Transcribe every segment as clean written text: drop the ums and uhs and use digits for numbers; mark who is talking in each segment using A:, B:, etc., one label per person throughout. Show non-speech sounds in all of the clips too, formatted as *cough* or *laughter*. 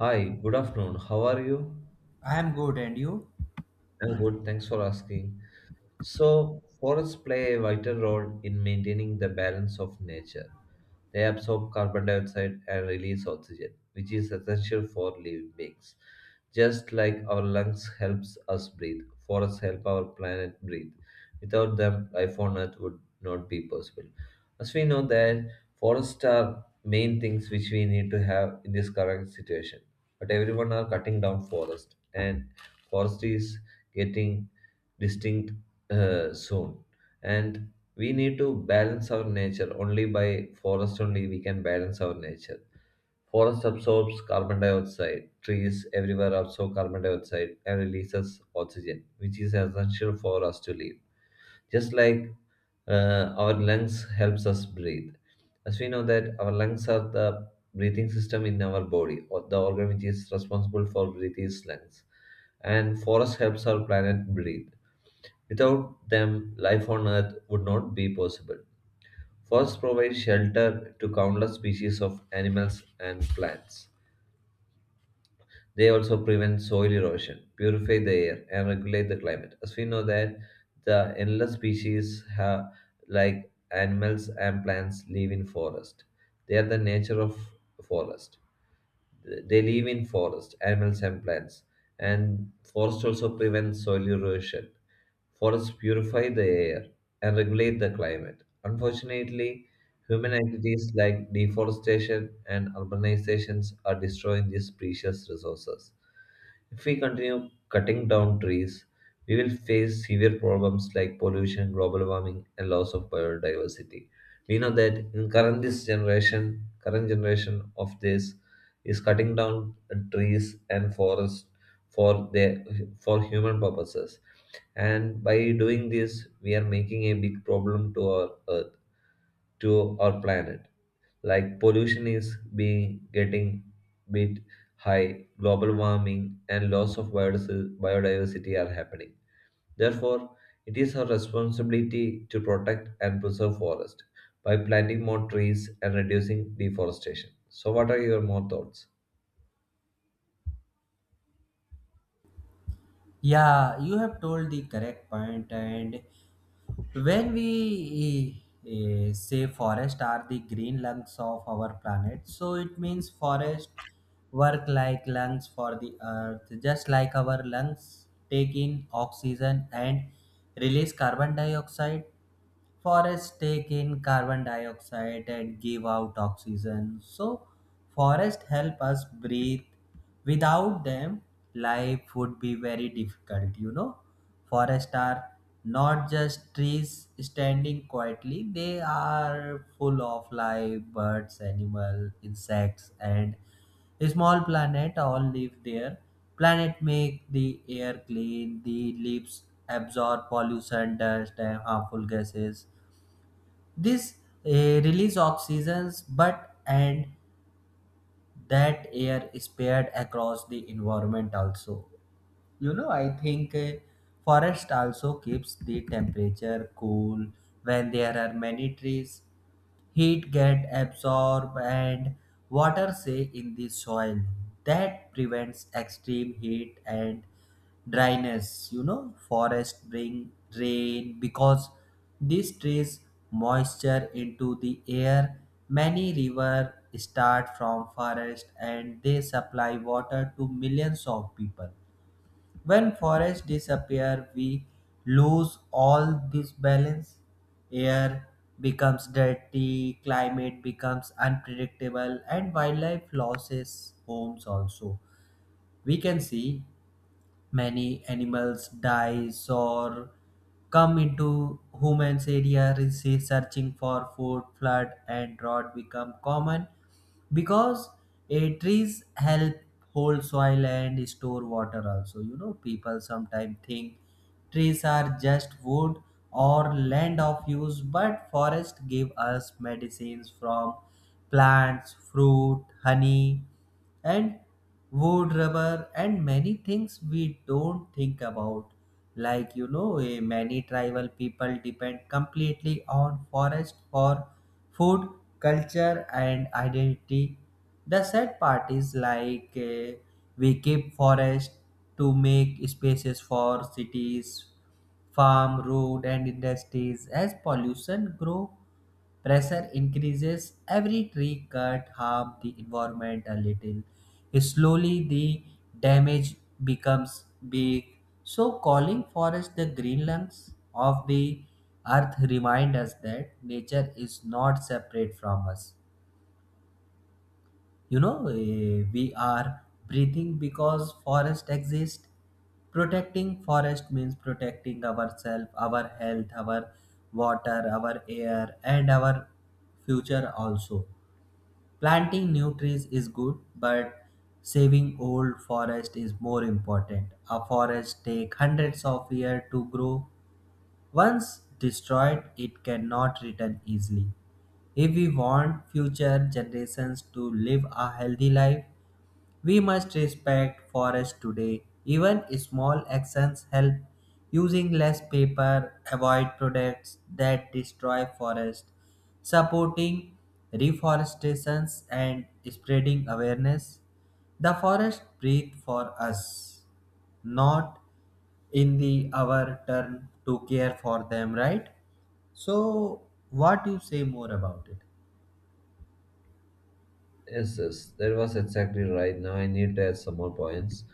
A: Hi, good afternoon. How are you?
B: I am good, and you?
A: I'm good. Thanks for asking. So, forests play a vital role in maintaining the balance of nature. They absorb carbon dioxide and release oxygen, which is essential for living beings. Just like our lungs helps us breathe, forests help our planet breathe. Without them, life on Earth would not be possible. As we know that forests are main things which we need to have in this current situation. But everyone are cutting down forest and forest is getting distinct soon and we need to balance our nature only by forest only we can balance our nature. Forest absorbs carbon dioxide, trees everywhere absorb carbon dioxide and releases oxygen which is essential for us to live. Just like our lungs helps us breathe. As we know that our lungs are the breathing system in our body, or the organ which is responsible for breathing is lungs, and forest helps our planet breathe. Without them, life on Earth would not be possible. Forests provide shelter to countless species of animals and plants. They also prevent soil erosion, purify the air, and regulate the climate. As we know that the endless species have, like animals and plants live in forest. They are the nature of forest. They live in forest, animals and plants, and forest also prevents soil erosion. Forests purify the air and regulate the climate. Unfortunately, human activities like deforestation and urbanizations are destroying these precious resources. If we continue cutting down trees, we will face severe problems like pollution, global warming, and loss of biodiversity. We know that in current this generation, current generation of this is cutting down trees and forests for their, for human purposes, and by doing this we are making a big problem to our earth, to our planet. Like pollution is being getting bit high, global warming, and loss of biodiversity are happening. Therefore, it is our responsibility to protect and preserve forests by planting more trees and reducing deforestation. So, what are your more thoughts?
B: Yeah, you have told the correct point. And when we say forest are the green lungs of our planet, so it means forest work like lungs for the earth, just like our lungs take in oxygen and release carbon dioxide. Forests take in carbon dioxide and give out oxygen. So, forests help us breathe without them, life would be very difficult, you know. Forests are not just trees standing quietly. They are full of life: birds, animal, insects, and small planet all live there. Planet make the air clean. The leaves absorb pollution, dust, and harmful gases. This release oxygens, but and that air is spread across the environment also. You know, I think forest also keeps the temperature cool when there are many trees. Heat get absorbed and water stay in the soil. That prevents extreme heat and dryness. You know, forest bring rain because these trees moisture into the air. Many river start from forest and they supply water to millions of people. When forests disappear, we lose all this balance. Air becomes dirty, climate becomes unpredictable, and wildlife loses homes also. We can see many animals dies or come into humans area re- searching for food, flood and drought become common because trees help hold soil and store water also. You know, people sometimes think trees are just wood or land of use, but forest give us medicines from plants, fruit, honey, and wood, rubber, and many things we don't think about. Like, you know, many tribal people depend completely on forest for food, culture, and identity. The sad part is like, we keep forest to make spaces for cities, farm, road, and industries. As pollution grow, pressure increases. Every tree cut harm the environment a little. Slowly, the damage becomes big. So, calling forest the green lungs of the Earth remind us that nature is not separate from us. You know, we are breathing because forest exist. Protecting forest means protecting ourselves, our health, our water, our air, and our future also. Planting new trees is good, but saving old forest is more important. A forest take hundreds of years to grow. Once destroyed, it cannot return easily. If we want future generations to live a healthy life, we must respect forests today. Even small actions help. Using less paper, avoid products that destroy forests, supporting reforestations, and spreading awareness. The forest breathe for us, not in the our turn to care for them, right? So, what you say more about it?
A: Yes, yes, that was exactly right. Now I need to add some more points.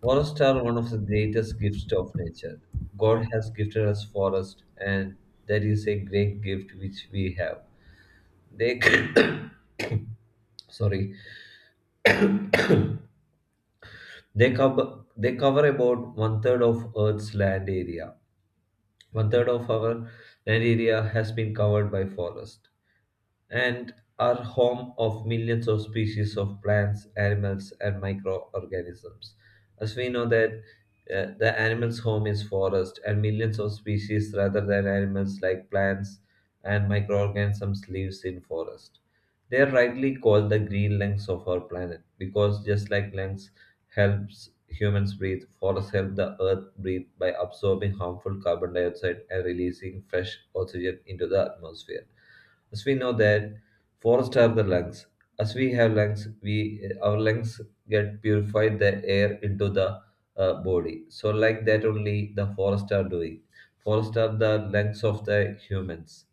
A: Forests are one of the greatest gifts of nature. God has gifted us forest, and that is a great gift which we have. They *coughs* sorry, they cover about one third of Earth's land area. One third of our land area has been covered by forest, and are home of millions of species of plants, animals, and microorganisms. As we know that the animal's home is forest, and millions of species rather than animals like plants and microorganisms lives in forest. They are rightly called the green lungs of our planet, because just like lungs helps humans breathe, forests help the earth breathe by absorbing harmful carbon dioxide and releasing fresh oxygen into the atmosphere. As we know that forests are the lungs. As we have lungs, we our lungs get purified the air into the body. So like that only the forests are doing. Forests are the lungs of the humans,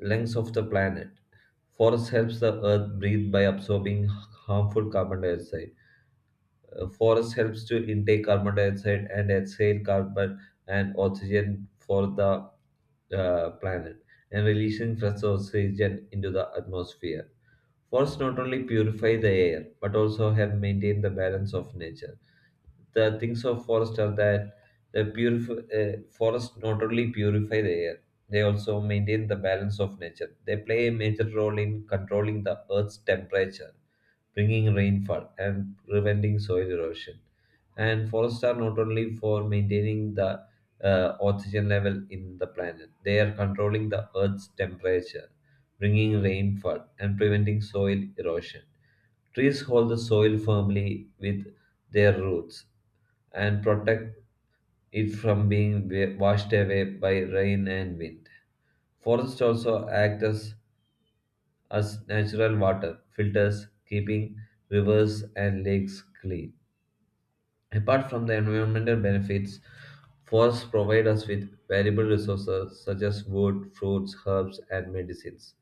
A: lungs of the planet. Forest helps the earth breathe by absorbing harmful carbon dioxide. Forest helps to intake carbon dioxide and exhale carbon and oxygen for the planet, and releasing fresh oxygen into the atmosphere. Forests not only purify the air but also help maintain the balance of nature. The things of forest are that the beautiful forests not only purify the air, they also maintain the balance of nature. They play a major role in controlling the earth's temperature, bringing rainfall and preventing soil erosion. And forests are not only for maintaining the oxygen level in the planet, they are controlling the earth's temperature, bringing rainfall and preventing soil erosion. Trees hold the soil firmly with their roots and protect it from being washed away by rain and wind. Forests also act as natural water filters, keeping rivers and lakes clean. Apart from the environmental benefits, forests provide us with valuable resources such as wood, fruits, herbs, and medicines.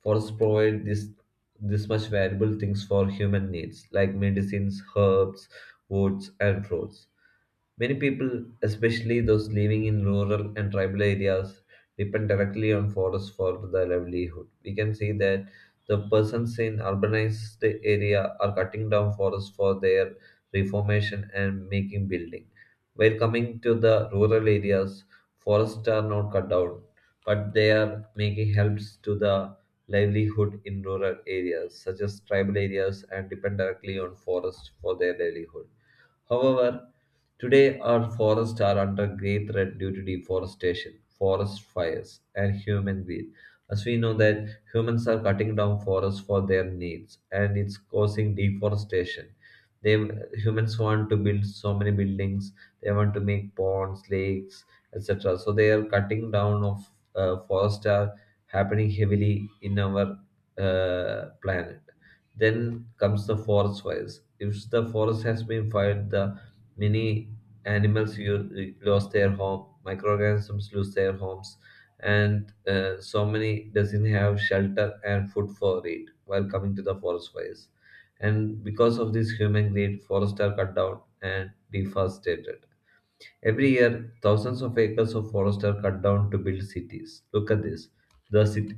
A: Forests provide this much valuable things for human needs, like medicines, herbs, woods, and fruits. Many people, especially those living in rural and tribal areas, depend directly on forests for their livelihood. We can say that the persons in urbanized area are cutting down forests for their reformation and making building. While coming to the rural areas, forests are not cut down, but they are making helps to the livelihood in rural areas, such as tribal areas, and depend directly on forests for their livelihood. However, today, our forests are under great threat due to deforestation, forest fires, and human greed. As we know that humans are cutting down forests for their needs, and it's causing deforestation. They humans want to build so many buildings. They want to make ponds, lakes, etc. So they are cutting down of forests are happening heavily in our planet. Then comes the forest fires. If the forest has been fired, the many animals lost their home, microorganisms lose their homes, and so many doesn't have shelter and food for it while coming to the forest fires. And because of this human greed, forests are cut down and deforested. Every year, thousands of acres of forest are cut down to build cities. Look at this. The city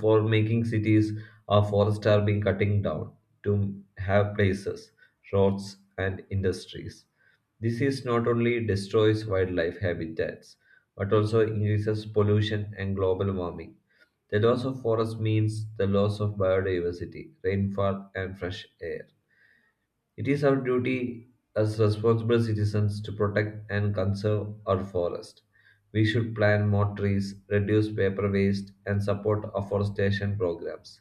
A: For making cities, our forests are being cutting down to have places, roads, and industries. This is not only destroys wildlife habitats, but also increases pollution and global warming. The loss of forest means the loss of biodiversity, rainfall, and fresh air. It is our duty as responsible citizens to protect and conserve our forest. We should plant more trees, reduce paper waste, and support afforestation programs.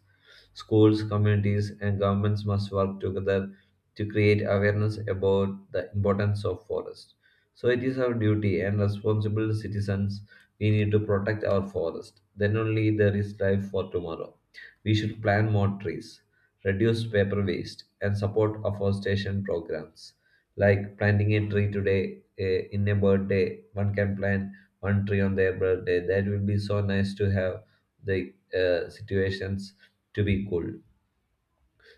A: Schools, communities, and governments must work together to create awareness about the importance of forests. So it is our duty and responsible citizens, we need to protect our forest. Then only there is life for tomorrow. We should plant more trees, reduce paper waste, and support afforestation programs. Like planting a tree today, in a birthday, one can plant one tree on their birthday. That will be so nice to have the situations to be cool.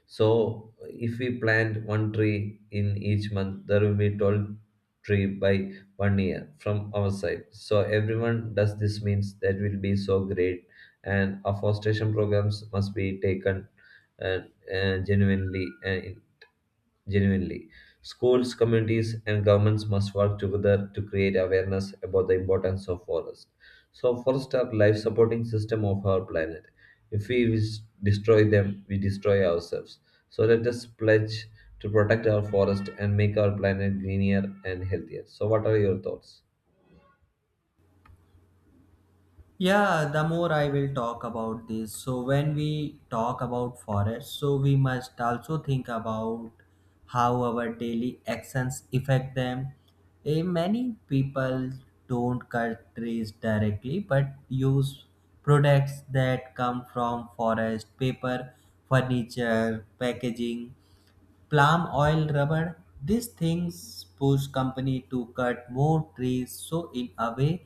A: So if we plant one tree in each month, there will be 12 tree by one year from our side. So everyone does this means that will be so great. And afforestation programs must be taken uh, genuinely, genuinely. Schools, communities, and governments must work together to create awareness about the importance of forests. So, forests are life-supporting system of our planet. If we destroy them, we destroy ourselves. So, let us pledge to protect our forest and make our planet greener and healthier. So, what are your thoughts?
B: Yeah, the more I will talk about this. So, when we talk about forest, so we must also think about how our daily actions affect them. Many people don't cut trees directly but use products that come from forest: paper, furniture, packaging. Palm oil, rubber. These things push company to cut more trees. So in a way,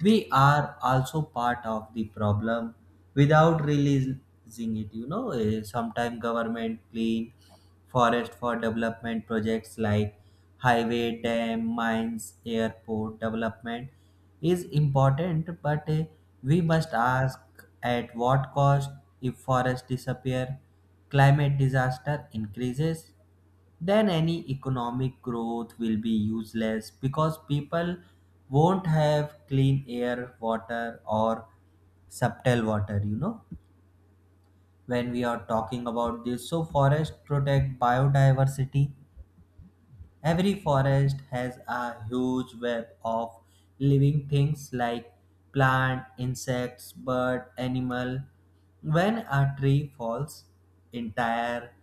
B: we are also part of the problem without realizing it. You know, sometimes government clean forest for development projects like highway, dam, mines, airport. Development is important, but we must ask at what cost. If forest disappear, climate disaster increases, then any economic growth will be useless because people won't have clean air, water, or subtle water. You know, when we are talking about this, so forest protect biodiversity. Every forest has a huge web of living things like plant, insects, bird, animal. When a tree falls, entire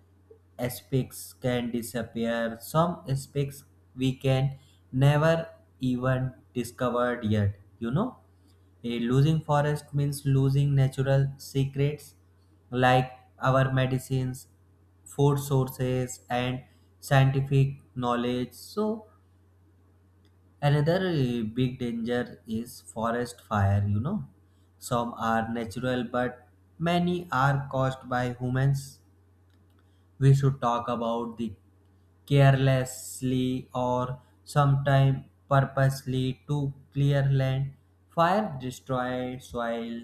B: aspects can disappear. Some aspects we can never even discovered yet, you know? Losing forest means losing natural secrets like our medicines, food sources, and scientific knowledge. So, another big danger is forest fire, you know. Some are natural, but many are caused by humans. We should talk about the carelessly or sometimes purposely to clear land. Fire destroy soil,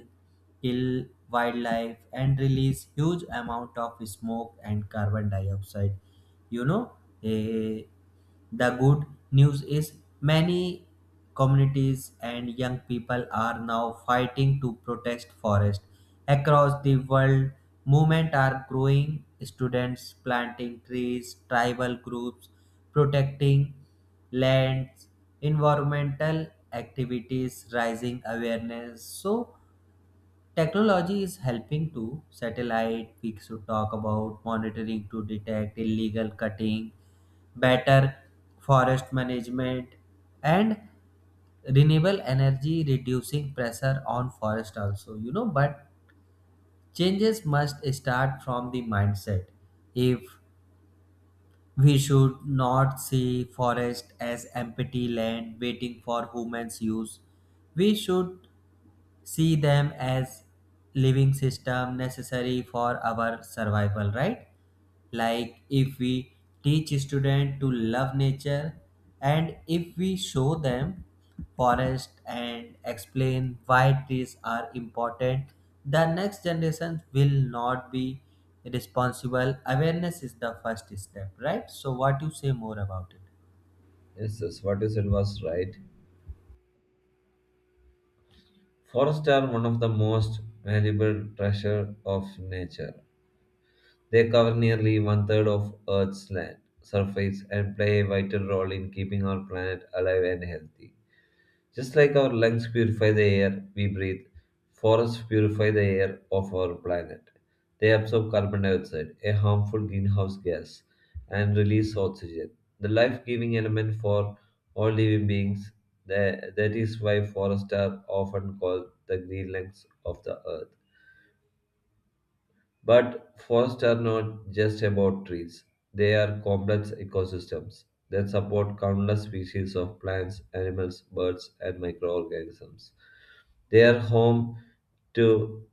B: kill wildlife, and release huge amount of smoke and carbon dioxide. You know, eh, the good news is many communities and young people are now fighting to protect forest across the world. Movement are growing, students planting trees, tribal groups protecting lands, environmental activities, rising awareness. So technology is helping too. Satellite we should talk about monitoring to detect illegal cutting, better forest management, and renewable energy reducing pressure on forest also. You know, but changes must start from the mindset. If we should not see forest as empty land waiting for humans' use. We should see them as living system necessary for our survival, right? Like, if we teach student to love nature and if we show them forest and explain why trees are important, the next generation will not be responsible. Awareness is the first step, right? So, what you say more about it?
A: Yes, yes, what you said was right. Forests are one of the most valuable treasure of nature. They cover nearly one third of Earth's land surface and play a vital role in keeping our planet alive and healthy. Just like our lungs purify the air we breathe, forests purify the air of our planet. They absorb carbon dioxide, a harmful greenhouse gas, and release oxygen, the life giving element for all living beings. That is why forests are often called the green lungs of the earth. But forests are not just about trees, they are complex ecosystems that support countless species of plants, animals, birds, and microorganisms. They are home to,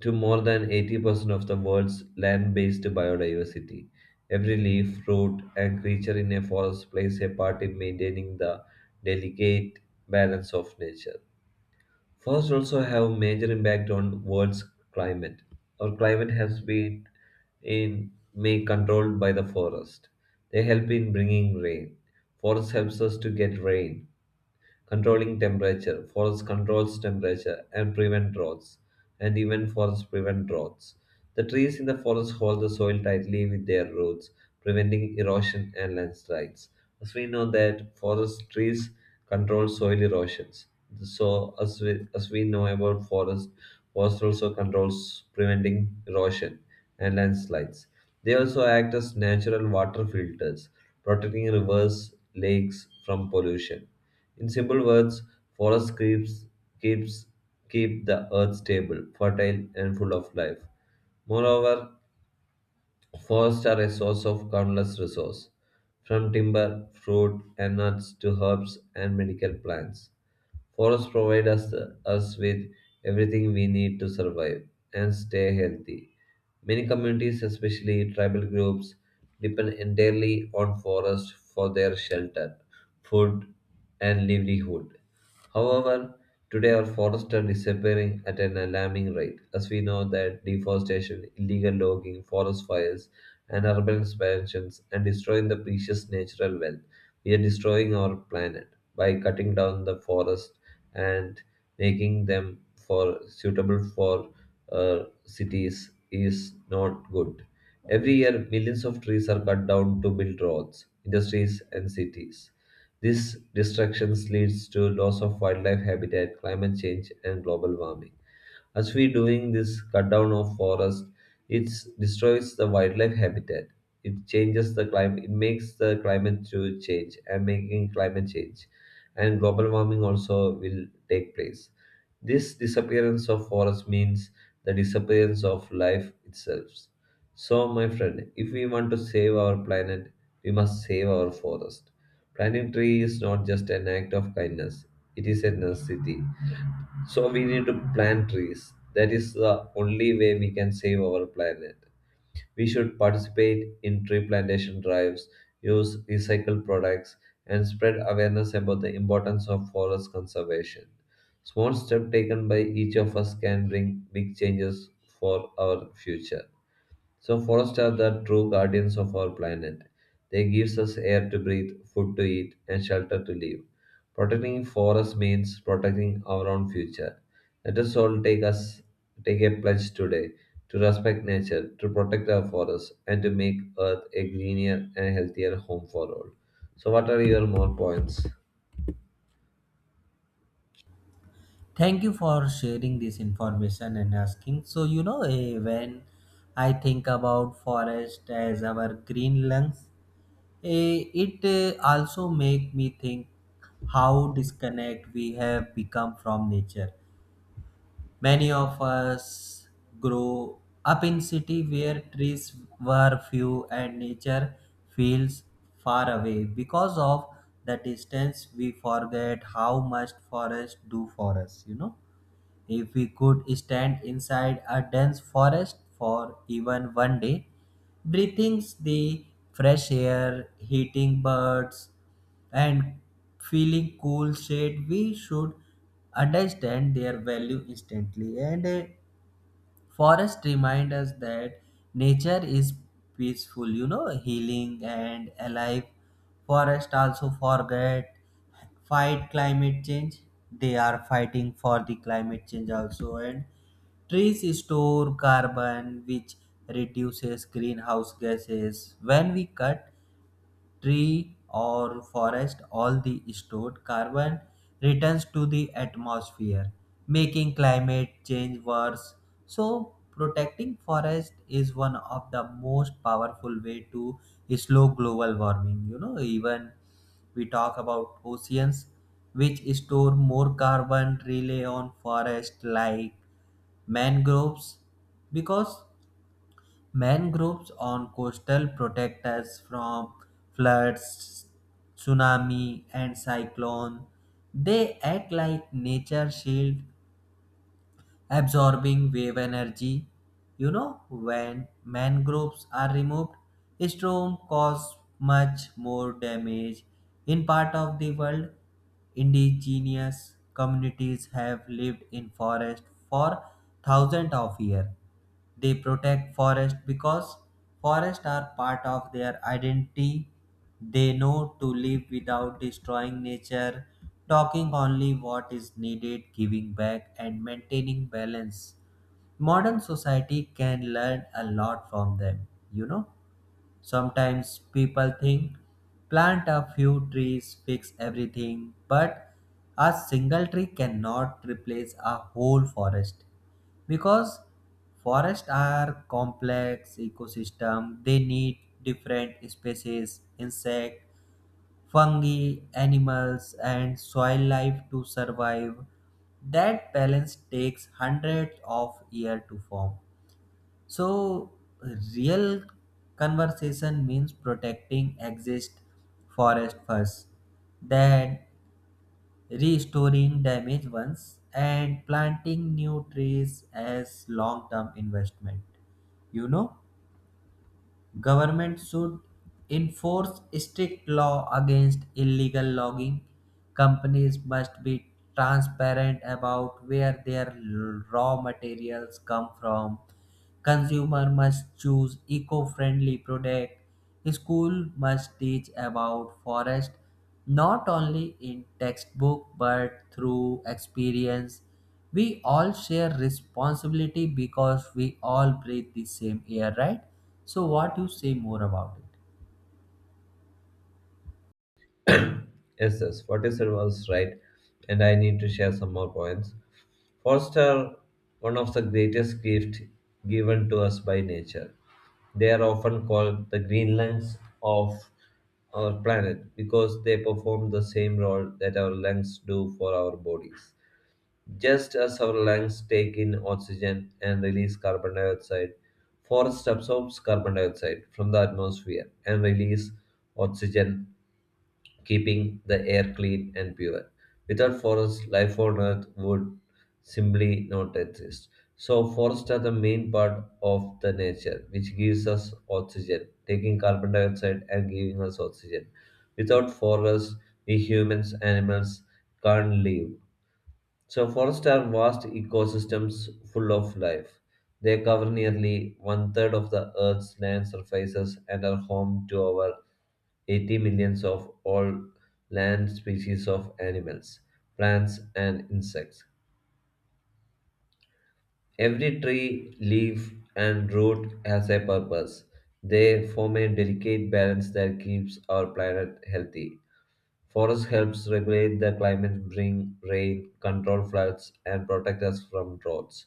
A: to more than 80% of the world's land based biodiversity. Every leaf, fruit, and creature in a forest plays a part in maintaining the delicate balance of nature. Forests also have major impact on world's climate. Our climate has been in made controlled by the forest. They help in bringing rain. Forest helps us to get rain, controlling temperature. Forest controls temperature and prevent droughts, and even forests prevent droughts. The trees in the forest hold the soil tightly with their roots, preventing erosion and landslides. As we know that forest trees control soil erosions. So as we know about forest, forest also controls preventing erosion and landslides. They also act as natural water filters, protecting rivers, lakes from pollution. In simple words, forests keeps, keeps keep the earth stable, fertile, and full of life. Moreover, forests are a source of countless resources, from timber, fruit, and nuts to herbs and medical plants. Forests provide us with everything we need to survive and stay healthy. Many communities, especially tribal groups, depend entirely on forests for their shelter, food, and livelihood. However, today our forests are disappearing at an alarming rate, as we know that deforestation, illegal logging, forest fires, and urban expansions are destroying the precious natural wealth. We are destroying our planet by cutting down the forest and making them for suitable for cities is not good. Every year, millions of trees are cut down to build roads, industries, and cities. These destructions leads to loss of wildlife habitat, climate change, and global warming. As we doing this cut down of forest, it destroys the wildlife habitat. It changes the climate. It makes the climate to change and making climate change, and global warming also will take place. This disappearance of forest means the disappearance of life itself. So, my friend, if we want to save our planet, we must save our forest. Planting tree is not just an act of kindness; it is a necessity. So we need to plant trees. That is the only way we can save our planet. We should participate in tree plantation drives, use recycled products, and spread awareness about the importance of forest conservation. Small steps taken by each of us can bring big changes for our future. So forests are the true guardians of our planet. They give us air to breathe, food to eat, and shelter to live. Protecting forests means protecting our own future. Let us all take us take a pledge today to respect nature, to protect our forests, and to make Earth a greener and healthier home for all. So what are your more points?
B: Thank you for sharing this information and asking. So, you know, when I think about forest as our green lungs, it also make me think how disconnect we have become from nature. Many of us grow up in city where trees were few and nature feels far away. Because of the distance, we forget how much forests do for us, you know. If we could stand inside a dense forest for even one day, breathing the fresh air, heating birds, and feeling cool shade, we should understand their value instantly. And forest remind us that nature is peaceful, you know, healing and alive. Forest also forget fight climate change. They are fighting for the climate change also. And trees store carbon, which reduces greenhouse gases. When we cut tree or forest, all the stored carbon returns to the atmosphere, making climate change worse. So, protecting forest is one of the most powerful way to slow global warming. You know, even we talk about oceans, which store more carbon, rely on forest like mangroves, because mangroves on coastal protect us from floods, tsunami, and cyclone. They act like nature shield, absorbing wave energy. You know, when mangroves are removed, storm cause much more damage. In part of the world, indigenous communities have lived in forest for thousands of years. They protect forest because forests are part of their identity. They know to live without destroying nature, talking only what is needed, giving back, and maintaining balance. Modern society can learn a lot from them, you know. Sometimes people think plant a few trees, fix everything, but a single tree cannot replace a whole forest because forests are complex ecosystem. They need different species, insect, fungi, animals, and soil life to survive. That balance takes hundreds of years to form. So, real conversation means protecting exist forest first, then restoring damaged ones and planting new trees as long-term investment. You know, government should enforce strict law against illegal logging. Companies must be transparent about where their raw materials come from. Consumer must choose eco-friendly product. School must teach about forest not only in textbook but through experience. We all share responsibility because we all breathe the same air, right? So, what you say more about it?
A: Yes, yes, what you said was right, and I need to share some more points. Forests are one of the greatest gifts given to us by nature. They are often called the green lungs of our planet because they perform the same role that our lungs do for our bodies. Just as our lungs take in oxygen and release carbon dioxide, forest absorbs carbon dioxide from the atmosphere and release oxygen, keeping the air clean and pure. Without forests, life on Earth would simply not exist. So, forests are the main part of the nature, which gives us oxygen, taking carbon dioxide and giving us oxygen. Without forests, we humans, animals can't live. So forests are vast ecosystems full of life. They cover nearly one third of the Earth's land surfaces and are home to over 80 millions of all land species of animals, plants, and insects. Every tree, leaf, and root has a purpose. They form a delicate balance that keeps our planet healthy. Forests helps regulate the climate, bring rain, control floods, and protect us from droughts.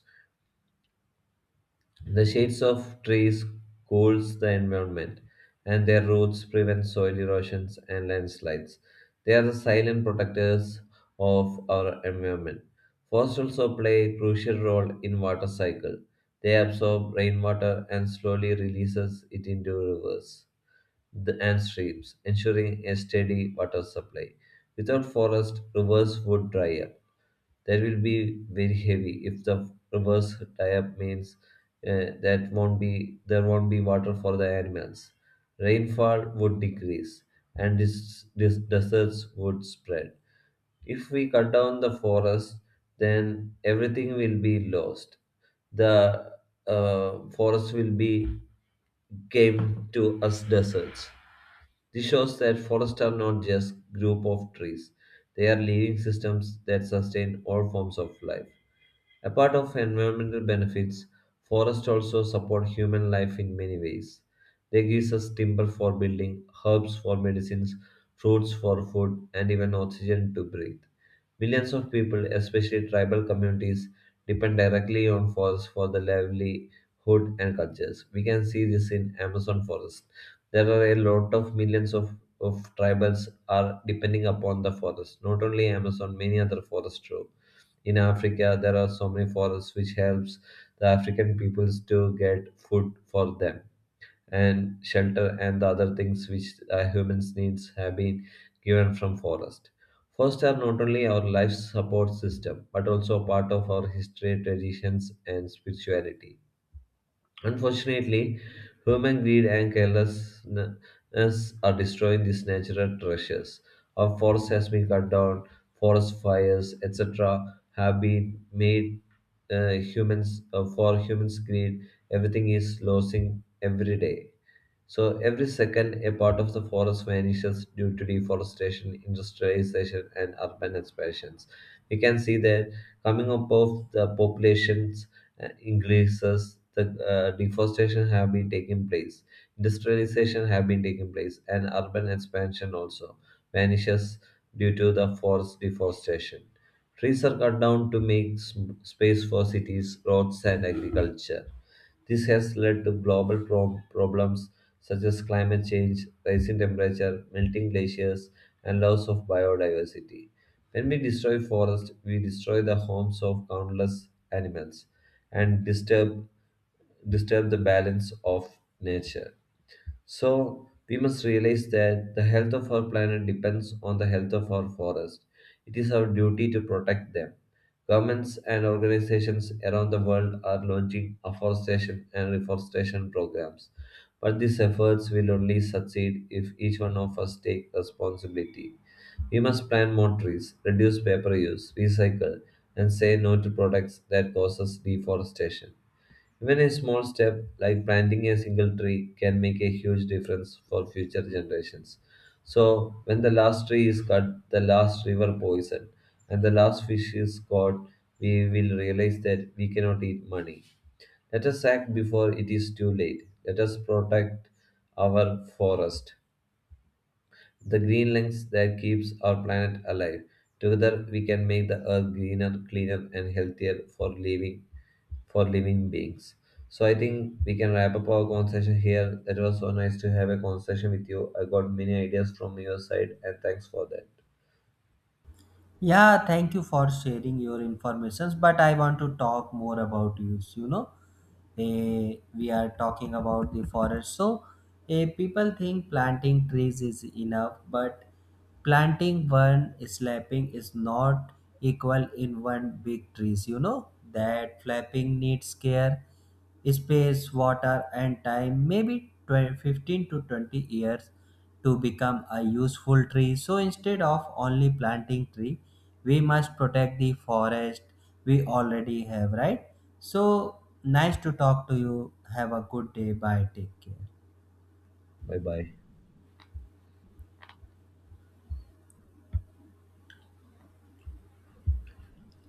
A: The shades of trees cools the environment, and their roots prevent soil erosions and landslides. They are the silent protectors of our environment. Forests also play a crucial role in water cycle. They absorb rainwater and slowly releases it into rivers and streams, ensuring a steady water supply. Without forest, rivers would dry up. That will be very heavy if the reverse tie up means, that won't be there, won't be water for the animals, rainfall would decrease, and this deserts would spread. If we cut down the forest, then everything will be lost. The forest will be came to us deserts. This shows that forests are not just group of trees. They are living systems that sustain all forms of life. Apart of environmental benefits, forests also support human life in many ways. They give us timber for building, herbs for medicines, fruits for food, and even oxygen to breathe. Millions of people, especially tribal communities, depend directly on forests for their livelihood and cultures. We can see this in Amazon forest. There are a lot of millions of tribals are depending upon the forest, not only Amazon, many other forests too. In Africa there are so many forests which helps the African peoples to get food for them and shelter and the other things which humans needs have been given from forest. Forests are not only our life support system but also a part of our history, traditions and spirituality. Unfortunately, human greed and carelessness are destroying these natural treasures. Our forests has been cut down, forest fires, etc., have been made humans for humans' greed. Everything is losing every day. So every second, a part of the forest vanishes due to deforestation, industrialization, and urban expansions. We can see that coming up of the populations increases, the deforestation have been taking place, industrialization have been taking place, and urban expansion also vanishes due to the forest deforestation. Trees are cut down to make space for cities, roads, and agriculture. This has led to global problems such as climate change, rising temperature, melting glaciers, and loss of biodiversity. When we destroy forests, we destroy the homes of countless animals and disturb the balance of nature. So, we must realize that the health of our planet depends on the health of our forest. It is our duty to protect them. Governments and organizations around the world are launching afforestation and reforestation programs. But these efforts will only succeed if each one of us take responsibility. We must plant more trees, reduce paper use, recycle, and say no to products that causes deforestation. Even a small step, like planting a single tree, can make a huge difference for future generations. So, when the last tree is cut, the last river poisoned, and the last fish is caught, we will realize that we cannot eat money. Let us act before it is too late. Let us protect our forest, the green lungs that keeps our planet alive. Together we can make the earth greener, cleaner and healthier for living, for living beings. So I think we can wrap up our conversation here. It was so nice to have a conversation with you. I got many ideas from your side and thanks for that.
B: Yeah, thank you for sharing your informations. But I want to talk more about use. You know, eh, we are talking about the forest. So, people think planting trees is enough, but planting one slapping is not equal in one big trees. You know that flapping needs care, space, water, and time, maybe 20, 15 to 20 years to become a useful tree. So instead of only planting tree, we must protect the forest we already have, right? So nice to talk to you. Have a good day. Bye. Take care.
A: Bye bye.